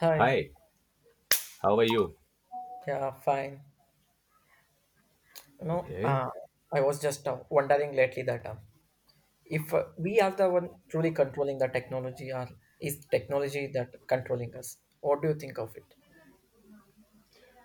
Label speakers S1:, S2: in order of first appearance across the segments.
S1: Hi.
S2: Hi, how are you?
S1: Yeah, fine. No,
S2: Okay.
S1: I was just wondering lately that if we are the one truly controlling the technology, or is technology that controlling us? What do you think of it?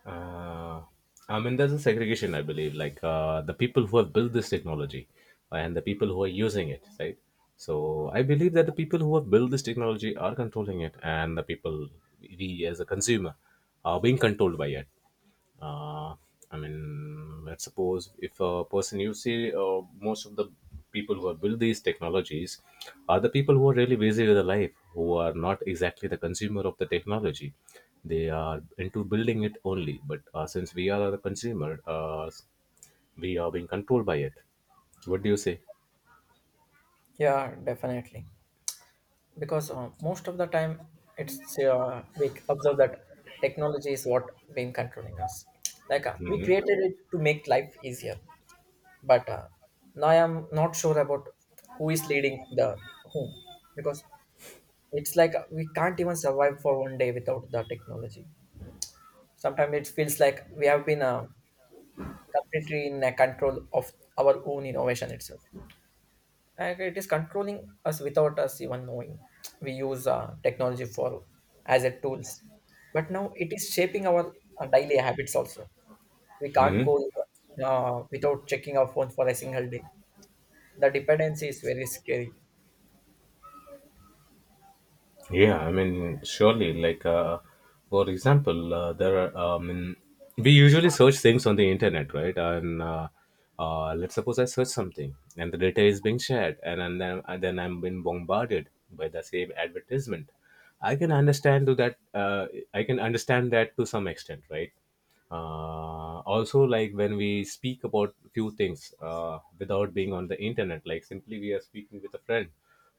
S2: Uh, I mean, there's a segregation, I believe, like the people who have built this technology and the people who are using it, right? So I believe that the people who have built this technology are controlling it, and the people we as a consumer are being controlled by it. uh, I mean, let's suppose if a person you see, most of the people who have built these technologies are the people who are really busy with their life, who are not exactly the consumer of the technology. They are into building it only. But since we are the consumer, we are being controlled by it. What do you say?
S1: Yeah, definitely. Because most of the time, it's we observe that technology is what been controlling us. We
S2: Hmm.
S1: created it to make life easier, but now I am not sure about who is leading the whom because it's like we can't even survive for one day without the technology. Sometimes it feels like we have been completely in a control of our own innovation itself. And it is controlling us without us even knowing. We use technology for as a tools, but now it is shaping our daily habits also. We can't
S2: Hmm.
S1: go without checking our phone for a single day. The dependency is very scary.
S2: Yeah, I mean, surely, like, for example, we usually search things on the internet, right? And let's suppose I search something and the data is being shared, and then I'm being bombarded by the same advertisement. I can understand to that, uh, I can understand that to some extent, right? Also, like, when we speak about few things without being on the internet, like simply we are speaking with a friend,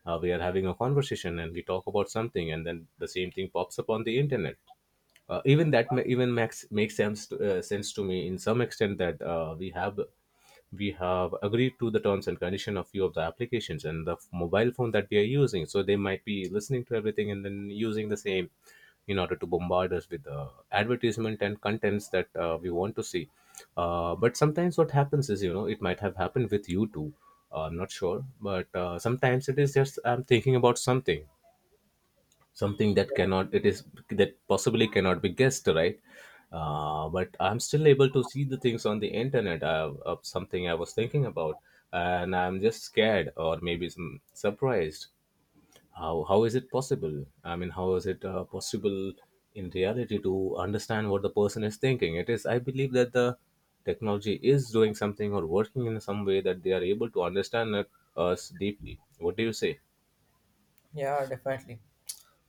S2: we are having a conversation and we talk about something and then the same thing pops up on the internet. Even max makes sense to, sense to me in some extent that we have, we have agreed to the terms and condition of few of the applications and the mobile phone that we are using, so they might be listening to everything and then using the same in order to bombard us with advertisement and contents that we want to see. But sometimes what happens is, you know, it might have happened with you too. I'm not sure, but sometimes it is just I'm thinking about something, something
S1: Yeah,
S2: that cannot, it is that possibly cannot be guessed, right? But I'm still able to see the things on the internet of something I was thinking about, and I'm just scared or maybe some surprised. How is it possible? I mean, how is it possible in reality to understand what the person is thinking? It is, I believe that the technology is doing something or working in some way that they are able to understand us deeply. What do you say?
S1: yeah, definitely.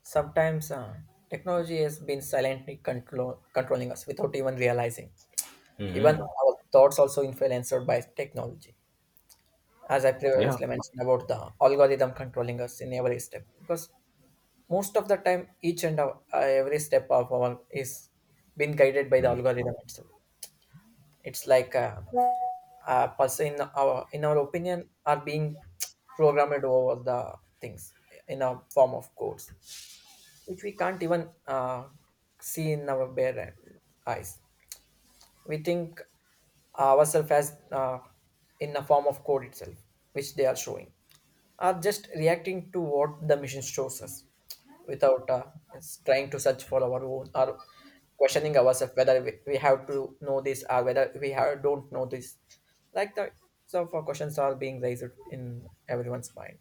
S1: Sometimes technology has been silently controlling us without even realizing. Even
S2: Hmm.
S1: our thoughts also influenced by technology. As I
S2: Yeah.
S1: previously mentioned about the algorithm controlling us in every step, because most of the time, every step of our is been guided by the algorithm itself. It's like a person in our opinion are being programmed over the things in a form of codes which we can't even see in our bare eyes. We think ourselves as in the form of code itself, which they are showing, are just reacting to what the machine shows us without is trying to search for our own or questioning ourselves whether we have to know this or whether we have, don't know this. Like the so for questions are being raised in everyone's mind.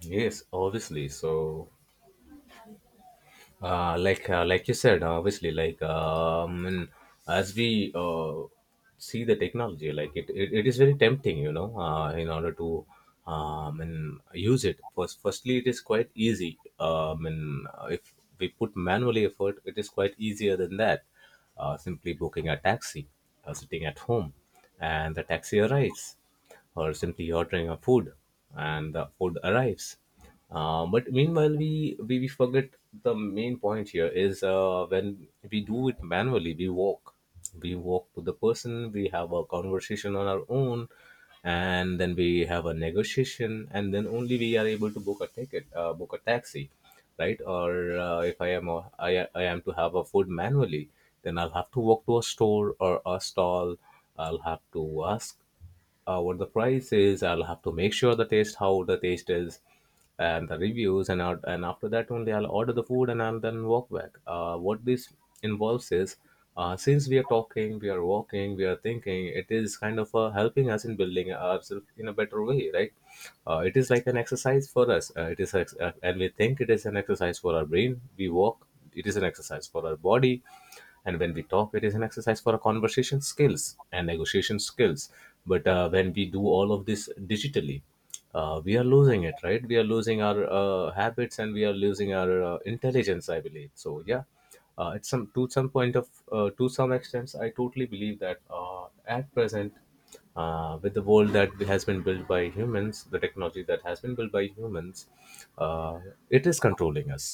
S2: Yes, obviously. So, like you said, obviously, and as we see the technology, like it is very tempting, you know, in order to and use it. Firstly, it is quite easy. And If we put manually effort, it is quite easier than that. Simply booking a taxi, sitting at home, and the taxi arrives, or simply ordering a food and the food arrives. But meanwhile we forget, the main point here is when we do it manually, we walk, we walk to the person, we have a conversation on our own, and then we have a negotiation, and then only we are able to book a ticket, book a taxi, right? Or if I am a, I am to have a food manually, then I'll have to walk to a store or a stall, I'll have to ask what the price is. I'll have to make sure the taste, how the taste is, and the reviews, and after that only I'll order the food and I'll then walk back. What this involves is, since we are talking, we are walking, we are thinking, it is kind of helping us in building ourselves in a better way, right? It is like an exercise for us. And we think it is an exercise for our brain. We walk. It is an exercise for our body, and when we talk, it is an exercise for our conversation skills and negotiation skills. But when we do all of this digitally, we are losing it, right? We are losing our habits, and we are losing our intelligence, I believe. So, yeah, at some to some point of to some extent, I totally believe that at present, with the world that has been built by humans, the technology that has been built by humans, uh, it is controlling us.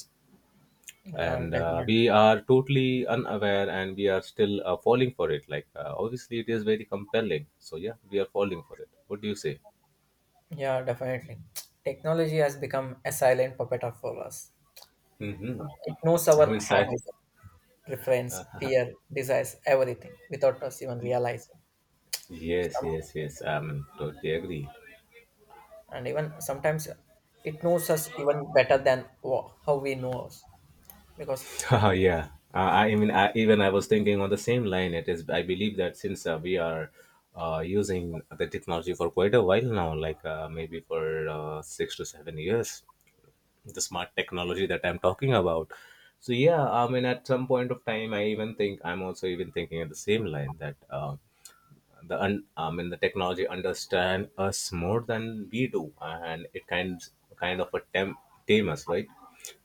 S1: Yeah,
S2: And
S1: definitely.
S2: we are totally unaware, and we are still falling for it. Like, obviously it is very compelling, so yeah, we are falling for it. What do you say?
S1: Yeah, definitely. Technology has become a silent puppet of for us.
S2: Hmm.
S1: It knows
S2: i
S1: our
S2: mean sci-
S1: habits, preference, fear, desires, everything without us even realizing.
S2: yes,
S1: Some,
S2: yes, yes, I mean, totally agree.
S1: and even sometimes it knows us even better than how we know us. Because
S2: Oh yeah, I mean, even I was thinking on the same line. It is, I believe that since we are using the technology for quite a while now, like maybe for 6 to 7 years, the smart technology that I'm talking about. So yeah, I mean, at some point of time, I'm also even thinking at the same line that I mean, the technology understand us more than we do, and it kind of a tame us, right?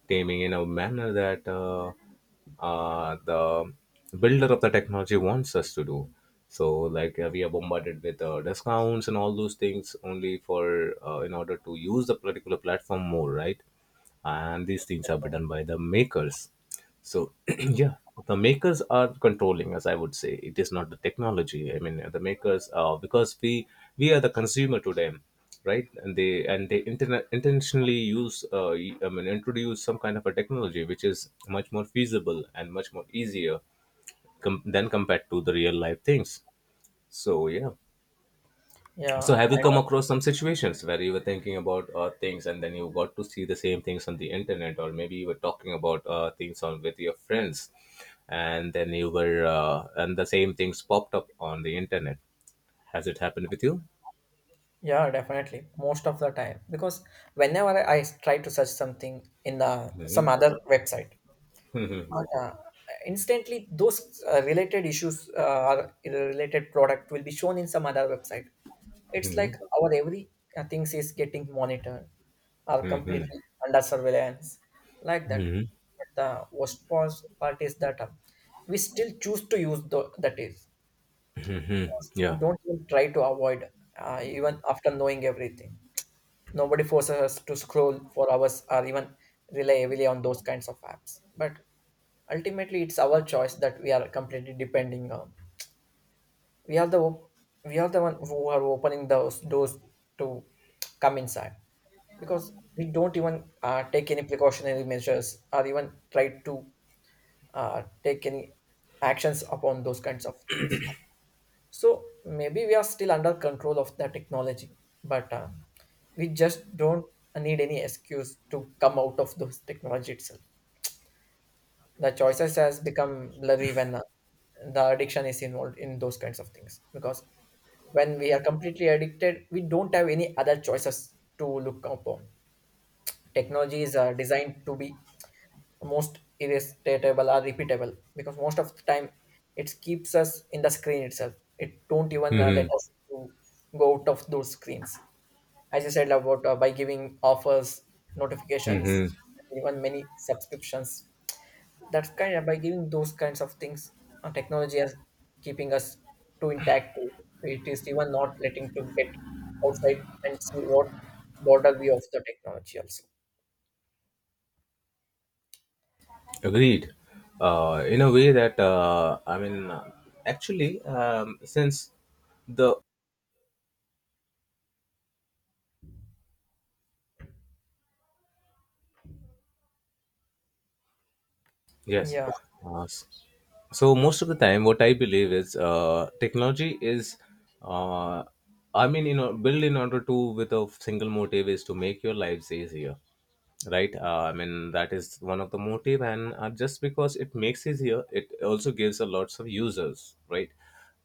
S2: Taming in a manner that the builder of the technology wants us to do. So, like, we are bombarded with discounts and all those things only for in order to use the particular platform more, right? And these things are done by the makers. So yeah, the makers are controlling, as I would say. It is not the technology, I mean, the makers are, because we are the consumer to them, right? And they, and they intentionally use, I mean, introduce some kind of a technology which is much more feasible and much more easier than compared to the real life things. So yeah, so,
S1: yeah,
S2: have you come
S1: I-
S2: across some situations where you were thinking about things and then you got to see the same things on the internet, or maybe you were talking about things on with your friends, and then you were and the same things popped up on the internet? Has it happened with you?
S1: yeah, definitely most of the time. Because whenever I try to search something in the some
S2: Hmm.
S1: other website, but, uh, instantly those related issues or related product will be shown in some other website. It's like
S2: Hmm.
S1: our every things is getting monitored are
S2: Hmm.
S1: completely under surveillance like that.
S2: Hmm.
S1: But the worst part is that we still choose to use the, that is. We
S2: Yeah.
S1: don't even try to avoid, even after knowing everything. Nobody forces us to scroll for hours or even rely heavily on those kinds of apps. But ultimately, it's our choice that we are completely depending on. we are the op- we are the one who are opening those doors to come inside, because we don't even take any precautionary measures or even try to take any actions upon those kinds of things. So maybe we are still under control of the technology, but we just don't need any excuse to come out of those technology itself. The choices has become blurry when the addiction is involved in those kinds of things, because when we are completely addicted, we don't have any other choices to look upon. Technologies are designed to be most irresistible or repeatable, because most of the time it keeps us in the screen itself. It don't even let
S2: Hmm.
S1: us to go out of those screens. As I said about by giving offers, notifications,
S2: Hmm.
S1: even many subscriptions, that's kind of by giving those kinds of things, technology is keeping us too intact to. It is even not letting to get outside and see what border we of the technology also.
S2: Agreed. In a way that I mean, actually, since the yes,
S1: yeah
S2: uh, s- so most of the time what I believe is technology is uh, I mean, you know, built in order to, with a single motive is to make your lives easier, right? I mean, that is one of the motive, and just because it makes easier, it also gives a lots of users, right?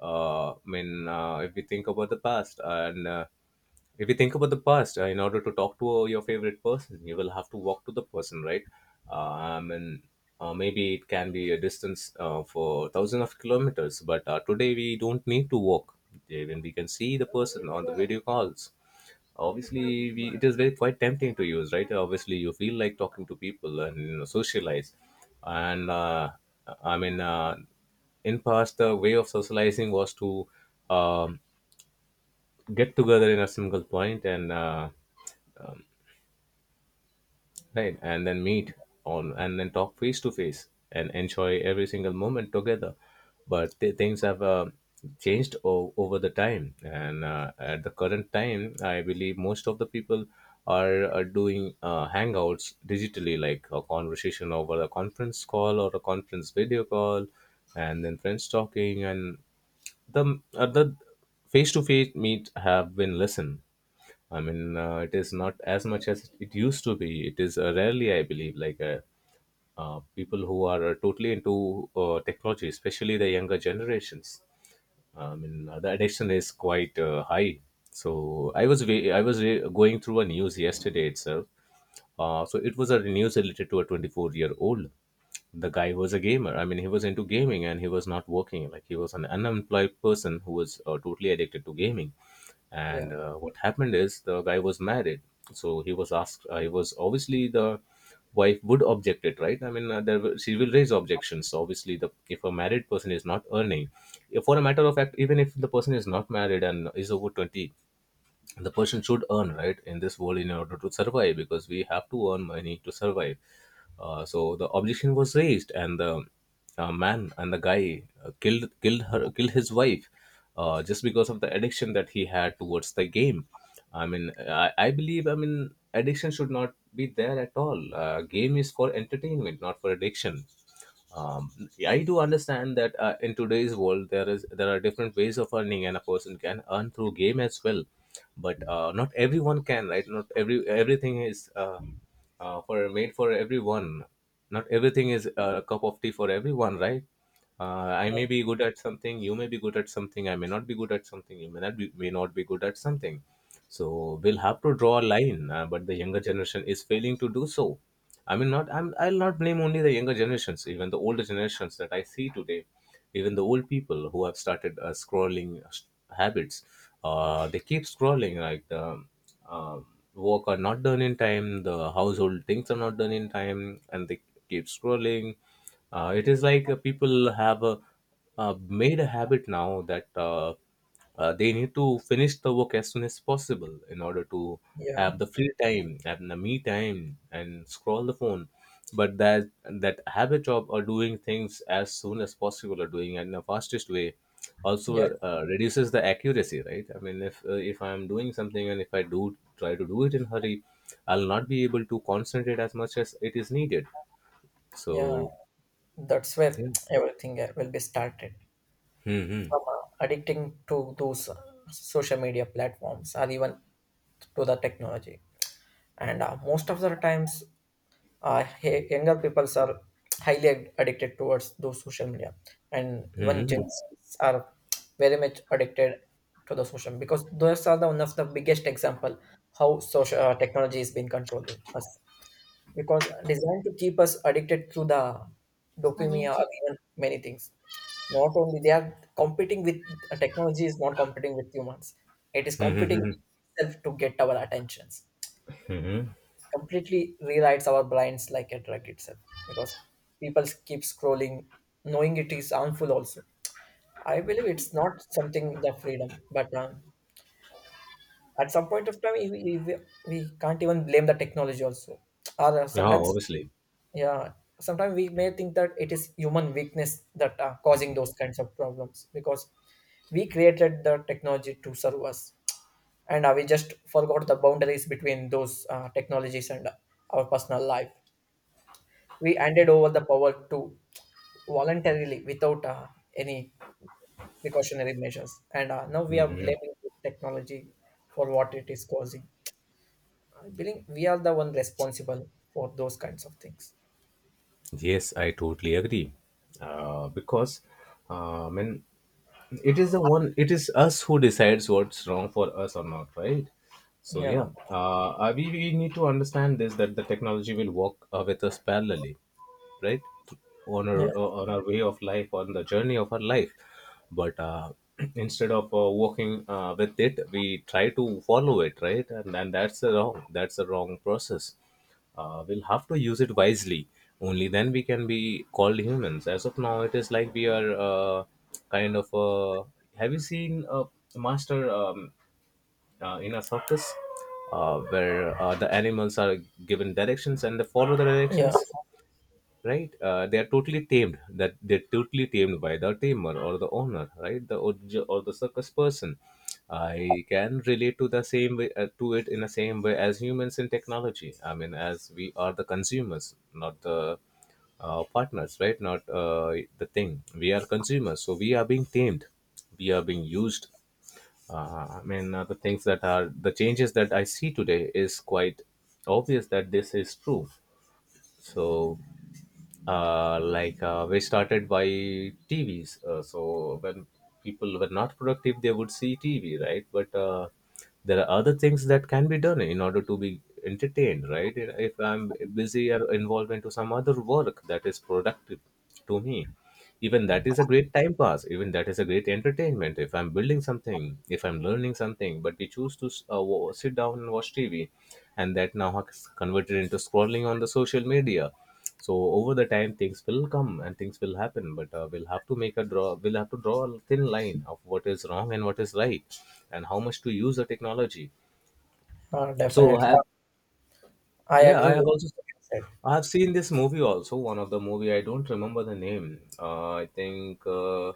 S2: If we think about the past, and if you think about the past, in order to talk to your favorite person, you will have to walk to the person, right? And Maybe it can be a distance for thousands of kilometers, but today we don't need to walk. Even we can see the person on the video calls. Obviously we, it is very quite tempting to use, right? Obviously you feel like talking to people and, you know, socialize. And i mean uh, in past, the way of socializing was to um, get together in a single point, and right, and then meet on and then talk face to face and enjoy every single moment together. But things have changed over the time, and at the current time, I believe most of the people are doing hangouts digitally, like a conversation over a conference call or a conference video call, and then friends talking and the face to face meet have been lessened. I mean, it is not as much as it used to be. It is rarely, I believe, like, people who are totally into technology, especially the younger generations. I mean, the addiction is quite high. So I was wa- I was re- going through a news yesterday itself, so it was a news related to a 24-year-old. The guy was a gamer. I mean, he was into gaming and he was not working. Like, he was an unemployed person who was totally addicted to gaming.
S1: yeah
S2: And what happened is, the guy was married. So he was asked. He was obviously, the wife would object it, right? I mean, she will raise objections. So obviously, the if a married person is not earning, if for a matter of fact, even if the person is not married and is over 20, the person should earn, right? In this world, in order to survive, because we have to earn money to survive. So the objection was raised and the guy killed his wife just because of the addiction that he had towards the game. I believe addiction should not be there at all. Game is for entertainment, not for addiction. um, I do understand that in today's world there are different ways of earning and a person can earn through game as well, but not everyone can, right? Not everything is for made for everyone. Not everything is a cup of tea for everyone, right? I may
S1: yeah
S2: be good at something, you may be good at something, I may not be good at something, you may not be good at something. So we'll have to draw a line. But the younger generation is failing to do so. I'll not blame only the younger generations. Even the older generations that I see today, even the old people, who have started scrolling habits, they keep scrolling. Like the um, work are not done in time, the household things are not done in time, and they keep scrolling. It is like people have made a habit now that they need to finish the work as soon as possible in order to
S1: yeah
S2: have the free time and the me time and scroll the phone. But that habit of doing things as soon as possible or doing it in the fastest way
S1: yeah
S2: also reduces the accuracy, right? I mean, if I am doing something and if I do try to do it in hurry, I'll not be able to concentrate as much as it is needed.
S1: yeah.
S2: So
S1: That's where
S2: yeah.
S1: everything will be started
S2: Hmm.
S1: from addicting to those social media platforms or even to the technology. And most of the times, hey, younger peoples are highly addicted towards those social media, and
S2: Hmm.
S1: even gen
S2: hmm
S1: Z's are very much addicted to the social, because those are the one of the biggest example how social technology has been controlling us, because designed to keep us addicted through the
S2: Hmm.
S1: dopamine
S2: Is
S1: or even many things. Not only they are competing with technology is not competing with humans, it is competing
S2: hmm.
S1: itself to get our attentions, completely rewrites our brains like a drug itself, because people keep scrolling knowing it is harmful also. I believe it's not something the freedom, but at some point of time we can't even blame the technology also, or
S2: Yeah,
S1: sometimes,
S2: obviously.
S1: yeah, sometimes we may think that it is human weakness that are causing those kinds of problems, because we created the technology to serve us. And we just forgot the boundaries between those technologies and our personal life. We handed over the power to voluntarily without any precautionary measures, and now we are
S2: Hmm.
S1: blaming this technology for what it is causing. I believe we are the one responsible for those kinds of things.
S2: Yes, I totally agree. Because uh, I mean, it is the one. It is us who decides what's wrong for us or not, right? So
S1: Yeah,
S2: yeah, we need to understand this, that the technology will walk with us parallelly, right?
S1: yeah,
S2: On our way of life, on the journey of our life, but instead of walking with it, we try to follow it, right? And that's the wrong. That's the wrong process. We'll have to use it wisely. Only then we can be called humans. As of now, it is like we are kind of have you seen a master in a circus where the animals are given directions and they follow the
S1: yeah.
S2: directions, right? They are totally tamed. That they're totally tamed by the tamer or the owner, right? Or the circus person. I can relate to the same way as humans in technology. I mean, as we are the consumers, not the partners, right? Not the thing. We are consumers, so we are being tamed. We are being used. The changes that I see today is quite obvious that this is true. So like we started by TVs. So when people were not productive, they would see TV, right? But there are other things that can be done in order to be entertained, right? If I'm busy or involved into some other work that is productive to me, even that is a great time pass. Even that is a great entertainment. If I'm building something, if I'm learning something, but we choose to sit down and watch TV, and that now has converted into scrolling on the social media. So over the time things will come and things will happen, but we'll have to draw a thin line of what is wrong and what is right and how much to use the technology. So I
S1: Definitely,
S2: have,
S1: I
S2: yeah, I
S1: agree
S2: have
S1: with
S2: also,
S1: what you said.
S2: I have seen this movie also. One of the movie, I don't remember the name. I think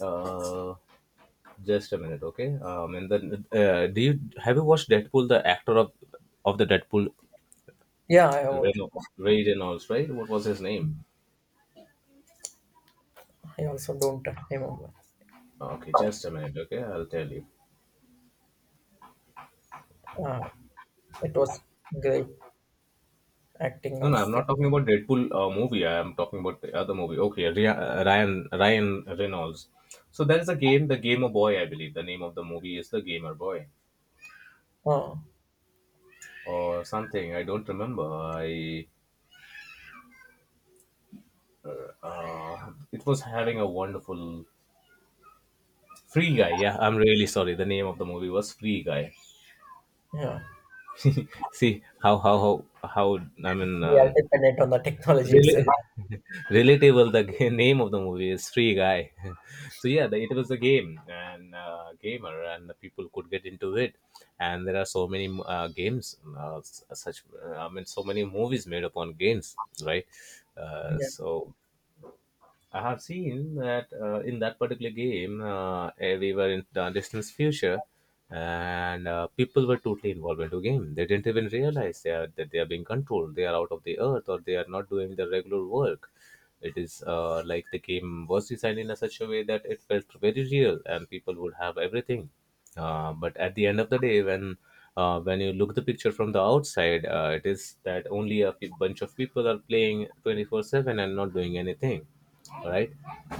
S2: uh, just a minute. Okay. And then do you have you watched Deadpool, the actor of the Deadpool?
S1: Yeah, I watched.
S2: Reno, Ray Reynolds, right? What was his name?
S1: I also don't remember.
S2: Okay, just a minute. Okay, I'll tell you.
S1: uh, it was great acting
S2: No,
S1: of
S2: no, I'm
S1: it.
S2: not talking about Deadpool movie. I'm talking about the other movie. Okay, Ryan Reynolds. So there is a game, the Gamer Boy, I believe. The name of the movie is the Gamer Boy
S1: uh,
S2: or something. I don't remember. I it was having a wonderful Free Guy. Yeah, I'm really sorry. The name of the movie was Free Guy.
S1: yeah,
S2: See how I mean
S1: we are dependent on the technology
S2: really.
S1: itself.
S2: Relatable. The name of the movie is Free Guy. So yeah, it was a game and gamer and the people could get into it. And there are so many games, s- such I mean so many movies made upon games, right?
S1: Yeah,
S2: So I have seen that in that particular game, we were in the distance future, and people were totally involved into game. They didn't even realize that they are being controlled. They are out of the earth, or they are not doing the regular work. It is like the game was designed in a such a way that it felt very real, and people would have everything, but at the end of the day, when you look the picture from the outside, it is that only a bunch of people are playing 24/7 and not doing anything, right?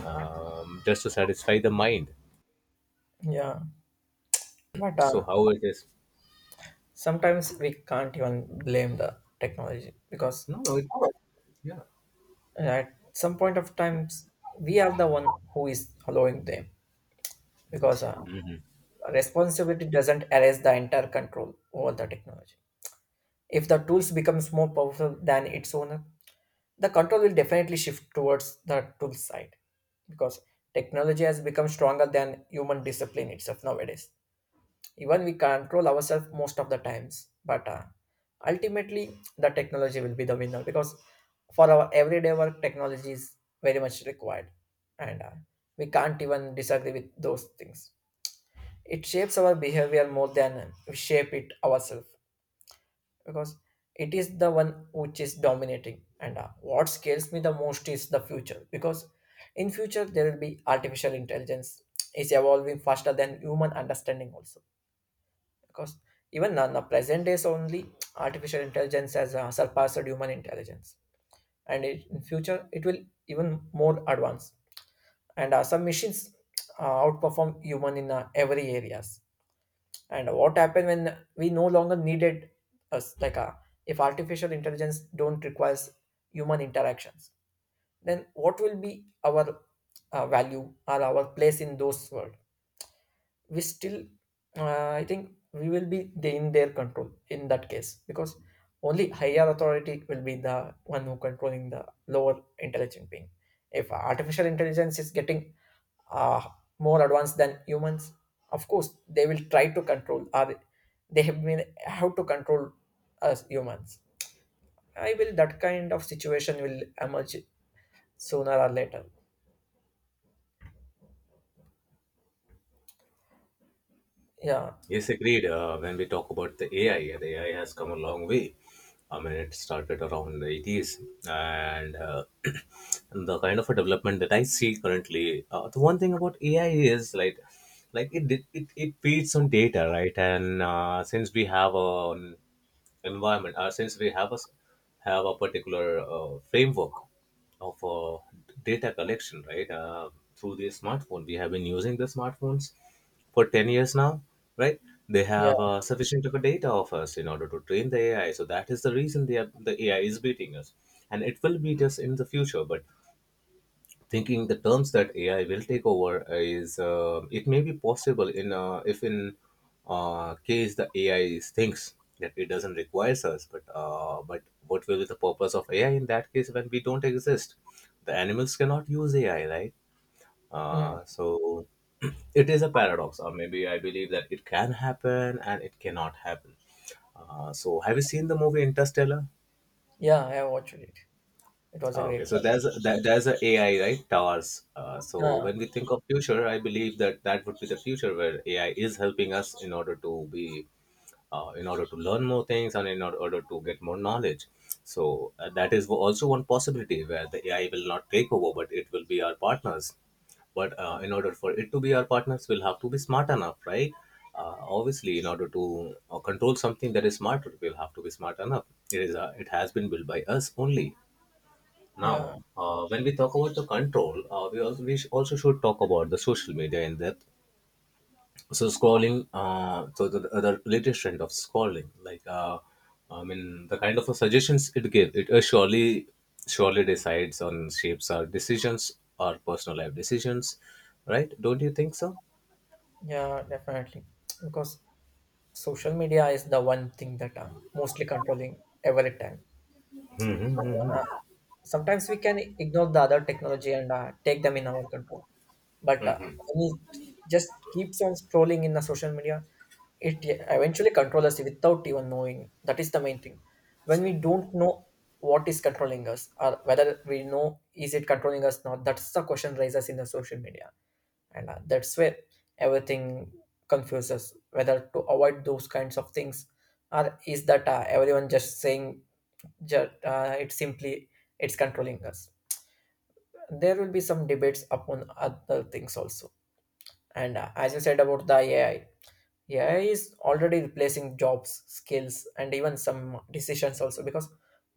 S2: Just to satisfy the mind.
S1: yeah. But
S2: So how it is.
S1: sometimes we can't even blame the technology, because
S2: No no it, Yeah.
S1: at some point of times we are the one who is allowing them, because responsibility doesn't erase the entire control over the technology. If the tools becomes more powerful than its owner, the control will definitely shift towards the tool side, because technology has become stronger than human discipline itself nowadays. Even we control ourselves most of the times, but ultimately the technology will be the winner, because for our everyday work technology is very much required. And we can't even disagree with those things. It shapes our behavior more than we shape it ourselves, because it is the one which is dominating. And what scares me the most is the future, because in future there will be artificial intelligence is evolving faster than human understanding also, because even now, the present days only artificial intelligence has surpassed human intelligence, and it, in future it will even more advanced. And some machines outperform human in every areas. And what happened when we no longer needed us, like if artificial intelligence don't requires human interactions, then what will be our value or our place in those world? We still uh, I think we will be in their control in that case, because only higher authority will be the one who controlling the lower intelligent being. If artificial intelligence is getting uh, more advanced than humans, of course they will try to control, or they have been how to control us humans. I will that kind of situation will emerge sooner or later. Yeah.
S2: Yes, agreed. When we talk about the AI, the AI has come a long way. I mean, it started around the 80s, and the kind of a development that I see currently. The one thing about AI is like, it feeds on data, right? And since we have a environment. Since we have have a particular framework of data collection, right? Through the smartphone, we have been using the smartphones for 10 years now, right? They
S1: Yeah.
S2: have sufficient of a data of us in order to train the AI. So that is the reason the AI is beating us, and it will beat us in the future. But thinking the terms that AI will take over is it may be possible in if in case the AI thinks that it doesn't require us, but what will be the purpose of AI in that case when we don't exist? The animals cannot use AI, right?
S1: Mm.
S2: So it is a paradox, or maybe I believe that it can happen and it cannot happen. So have you seen the movie Interstellar?
S1: Yeah, I watched it. It was a
S2: Ah, okay,
S1: great
S2: so
S1: one.
S2: there's a AI right towers. So
S1: Yeah,
S2: when we think of future, I believe that that would be the future where AI is helping us in order to be, in order to learn more things and order to get more knowledge. So that is also one possibility where the AI will not take over, but it will be our partners. But in order for it to be our partners, we'll have to be smart enough, right? Obviously, in order to control something that is smarter, we'll have to be smart enough. It is it has been built by us only.
S1: yeah.
S2: Now, when we talk about the control, we also should talk about the social media in that. So scrolling, so the latest trend of scrolling, like I mean the kind of a suggestions it gives, it surely decides on shapes our decisions, our personal life decisions, right? Don't you think so?
S1: Yeah, definitely. Because social media is the one thing that are mostly controlling every time. Uh, sometimes we can ignore the other technology and take them in our control. But when it just keeps on scrolling in the social media, it eventually controls us without even knowing. That is the main thing. When we don't know what is controlling us or whether we know is it controlling us not, that's the question raises in the social media. And that's where everything confuses whether to avoid those kinds of things, or is that everyone just saying just it's simply it's controlling us. There will be some debates upon other things also. And as you said about the AI, AI is already replacing jobs skills and even some decisions also, because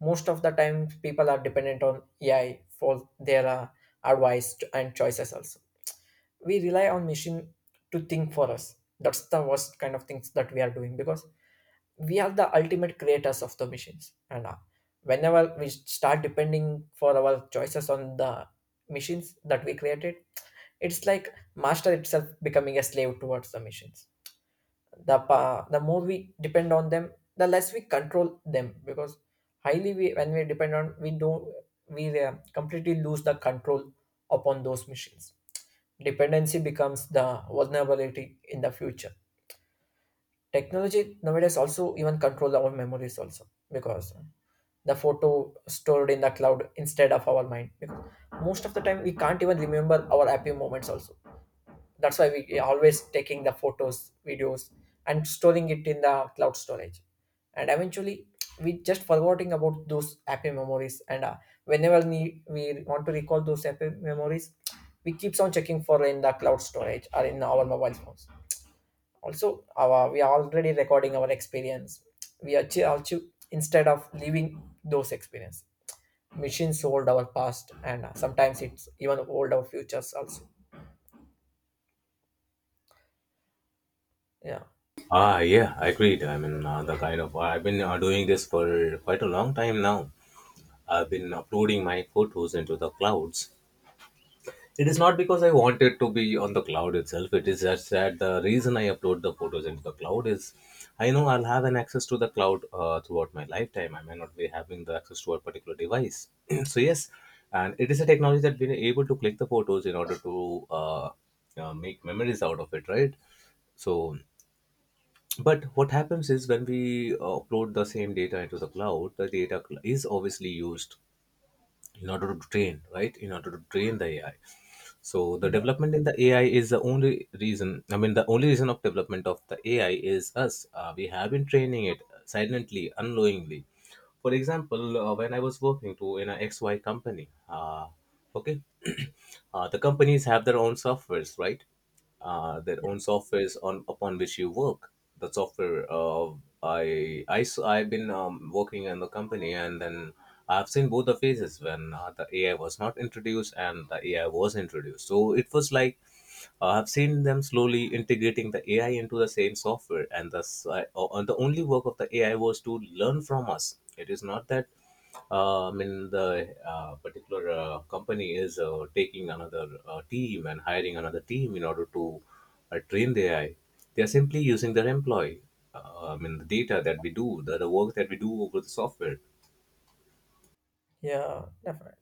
S1: most of the time people are dependent on AI for their advice and choices also. We rely on machine to think for us. That's the worst kind of things that we are doing, because we are the ultimate creators of the machines. And whenever we start depending for our choices on the machines that we created, it's like master itself becoming a slave towards the machines. The more we depend on them, the less we control them, because highly we when we depend on we don't, we completely lose the control upon those machines. Dependency becomes the vulnerability in the future. Technology nowadays also even control our memories also, because the photo stored in the cloud instead of our mind, because most of the time we can't even remember our happy moments also. That's why we always taking the photos videos and storing it in the cloud storage, and eventually we just forgetting about those happy memories. And whenever we want to recall those happy memories, we keeps on checking for in the cloud storage or in our mobile phones. Also our, we are already recording our experience we achieve instead of leaving those experience. Machines hold our past, and sometimes it's even hold our futures also. Yeah.
S2: Ah, yeah, I agreed. I mean, the kind of I've been doing this for quite a long time now. I've been uploading my photos into the clouds. It is not because I want it to be on the cloud itself. It is just that the reason I upload the photos into the cloud is I know I'll have an access to the cloud throughout my lifetime. I may not be having the access to a particular device. So yes, and it is a technology that we're able to click the photos in order to make memories out of it, right? So, but what happens is when we upload the same data into the cloud, the data is obviously used in order to train, right, in order to train the ai. So the development in the ai is the only reason. I mean the only reason of development of the ai is us. We have been training it silently, unknowingly. For example, when I was working to in a xy company okay. The companies have their own softwares, right? Their
S1: Yeah,
S2: own softwares on upon which you work. The software I have been working in the company, and then I've seen both the phases when the AI was not introduced and the AI was introduced. So it was like, I've seen them slowly integrating the AI into the same software, and the only work of the AI was to learn from us. It is not that. I mean, the particular company is taking another team and hiring another team in order to train the AI. They are simply using their employee. I mean, the data that we do, the work that we do over the software.
S1: yeah, definitely.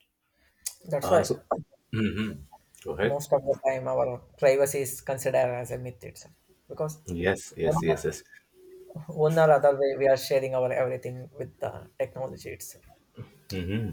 S1: That's
S2: Uh,
S1: why
S2: so, Mhm. Go ahead.
S1: most of the time our privacy is considered as a myth itself. Because
S2: Yes,
S1: one,
S2: yes, yes, yes.
S1: one or other way we are sharing our everything with the technology itself.
S2: Hmm,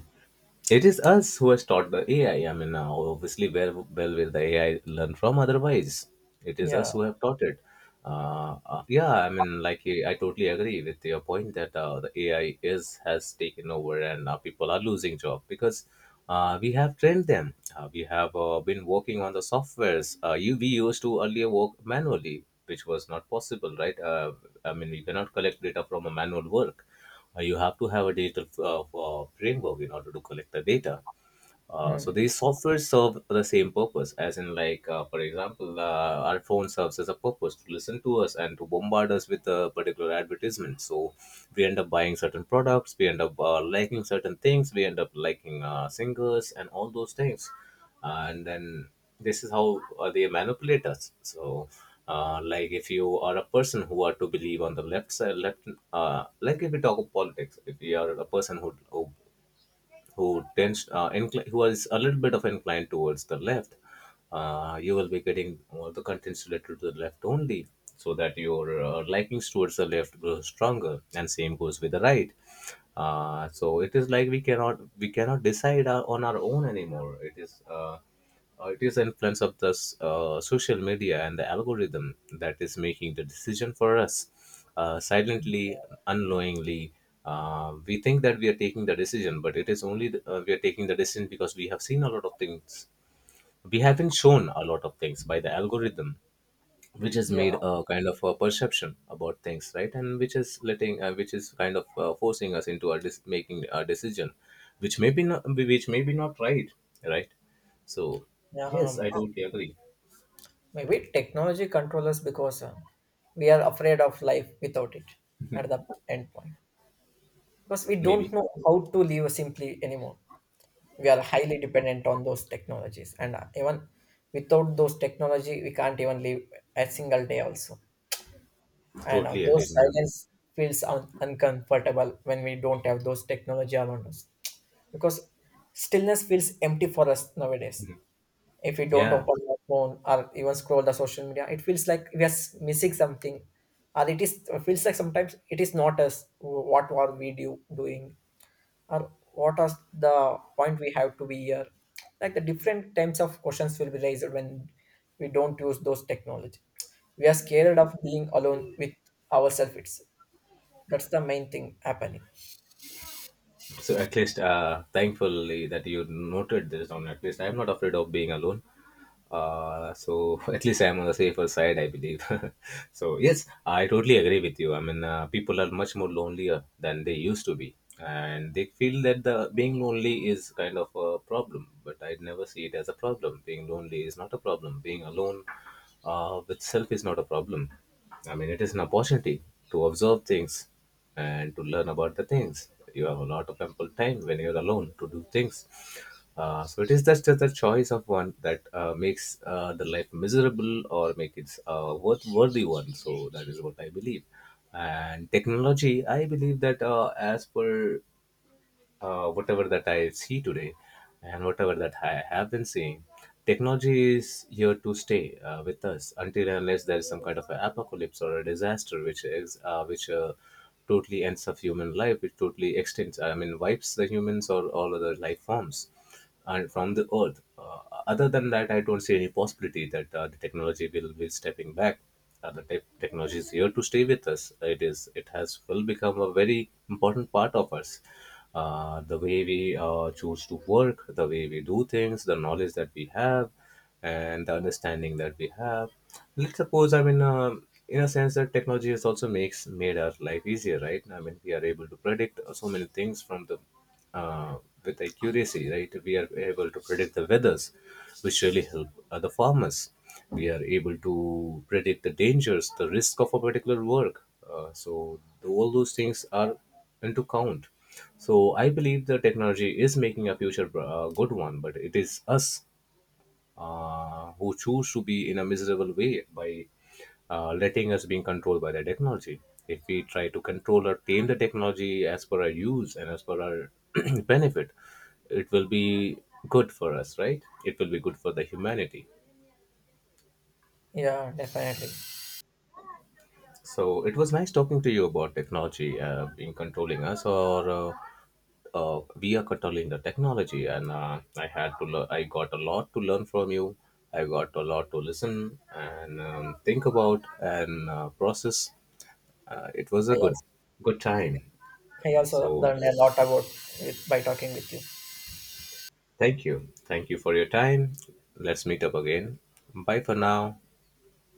S2: it is us who has taught the AI. I mean, obviously, where well will the AI learn from? Otherwise, it is us
S1: Yeah.
S2: who have taught it. Yeah, I mean, like I totally agree with your point that the AI is has taken over and people are losing job, because we have trained them. We have been working on the softwares. You we used to earlier work manually, which was not possible, right? I mean, you cannot collect data from a manual work. You have to have a digital framework in order to collect the data. So
S1: Mm.
S2: these software serve the same purpose, as in like, for example, our phone serves as a purpose to listen to us and to bombard us with a particular advertisement. So we end up buying certain products, we end up liking certain things, we end up liking singers and all those things, and then this is how they manipulate us. So, like if you are a person who are to believe on the left side, left, like if we talk of politics, if you are a person who, who tends who is a little bit of inclined towards the left, you will be getting all the contents related to the left only, so that your likings towards the left grows stronger, and same goes with the right. So it is like we cannot decide our, on our own anymore. It is. It is the influence of social media and the algorithm that is making the decision for us. Silently, unknowingly, we think that we are taking the decision, but it is only we are taking the decision because we have seen a lot of things. We have been shown a lot of things by the algorithm which has
S1: Yeah.
S2: made a kind of a perception about things, right, and which is letting which is kind of forcing us into making a decision which may be not right, right. So
S1: Yeah.
S2: yes, I totally agree.
S1: Maybe technology controls us because we are afraid of life without it at the end point. Because we don't
S2: Maybe.
S1: know how to live simply anymore. We are highly dependent on those technologies. And even without those technology, we can't even live a single day also. And
S2: Totally
S1: those
S2: agreed, ma'am.
S1: silence feels uncomfortable when we don't have those technology around us, because stillness feels empty for us nowadays. If we don't
S2: Yeah.
S1: open our phone or even scroll the social media, it feels like we are missing something. Or it is it feels like sometimes it is not us what are we doing, or what are the point we have to be here. Like the different types of questions will be raised when we don't use those technology. We are scared of being alone with ourselves. That's the main thing happening.
S2: So at least, thankfully that you noted this down. At least I'm not afraid of being alone. So at least I'm on the safer side, I believe. So yes, I totally agree with you. I mean, people are much more lonelier than they used to be, and they feel that the being lonely is kind of a problem. But I never see it as a problem. Being lonely is not a problem. Being alone, with self is not a problem. I mean, it is an opportunity to observe things and to learn about the things. You have a lot of ample time when you're alone to do things. So it is just the choice of one that makes the life miserable or make it a worthy one. So that is what I believe. And technology, I believe that, as per whatever that I see today and whatever that I have been seeing, technology is here to stay with us until and unless there is some kind of an apocalypse or a disaster which is which totally ends of human life, which totally extends, I mean, wipes the humans or all other life forms and from the earth. Other than that, I don't see any possibility that the technology will be stepping back. The tech Technology is here to stay with us. It is. It has will become a very important part of us. The way we choose to work, the way we do things, the knowledge that we have, and the understanding that we have. Let's suppose, I mean, in a sense that technology has also makes made our life easier, right? I mean, we are able to predict so many things from the uh, with accuracy, right? We are able to predict the weathers, which really help the farmers. We are able to predict the dangers, the risk of a particular work. So all those things are into count. So I believe the technology is making a future good one, but it is us who choose to be in a miserable way by letting us being controlled by the technology. If we try to control or tame the technology as per our use and as per our benefit, it will be good for us, right? It will be good for the humanity.
S1: Yeah, definitely.
S2: So it was nice talking to you about technology being controlling us, or we are controlling the technology. And I had to, I got a lot to learn from you. I got a lot to listen and think about and process. It was
S1: I
S2: a good,
S1: also,
S2: good time.
S1: I also
S2: So
S1: learned a lot about it by talking with you.
S2: thank you for your time. Let's meet up again. Bye for now.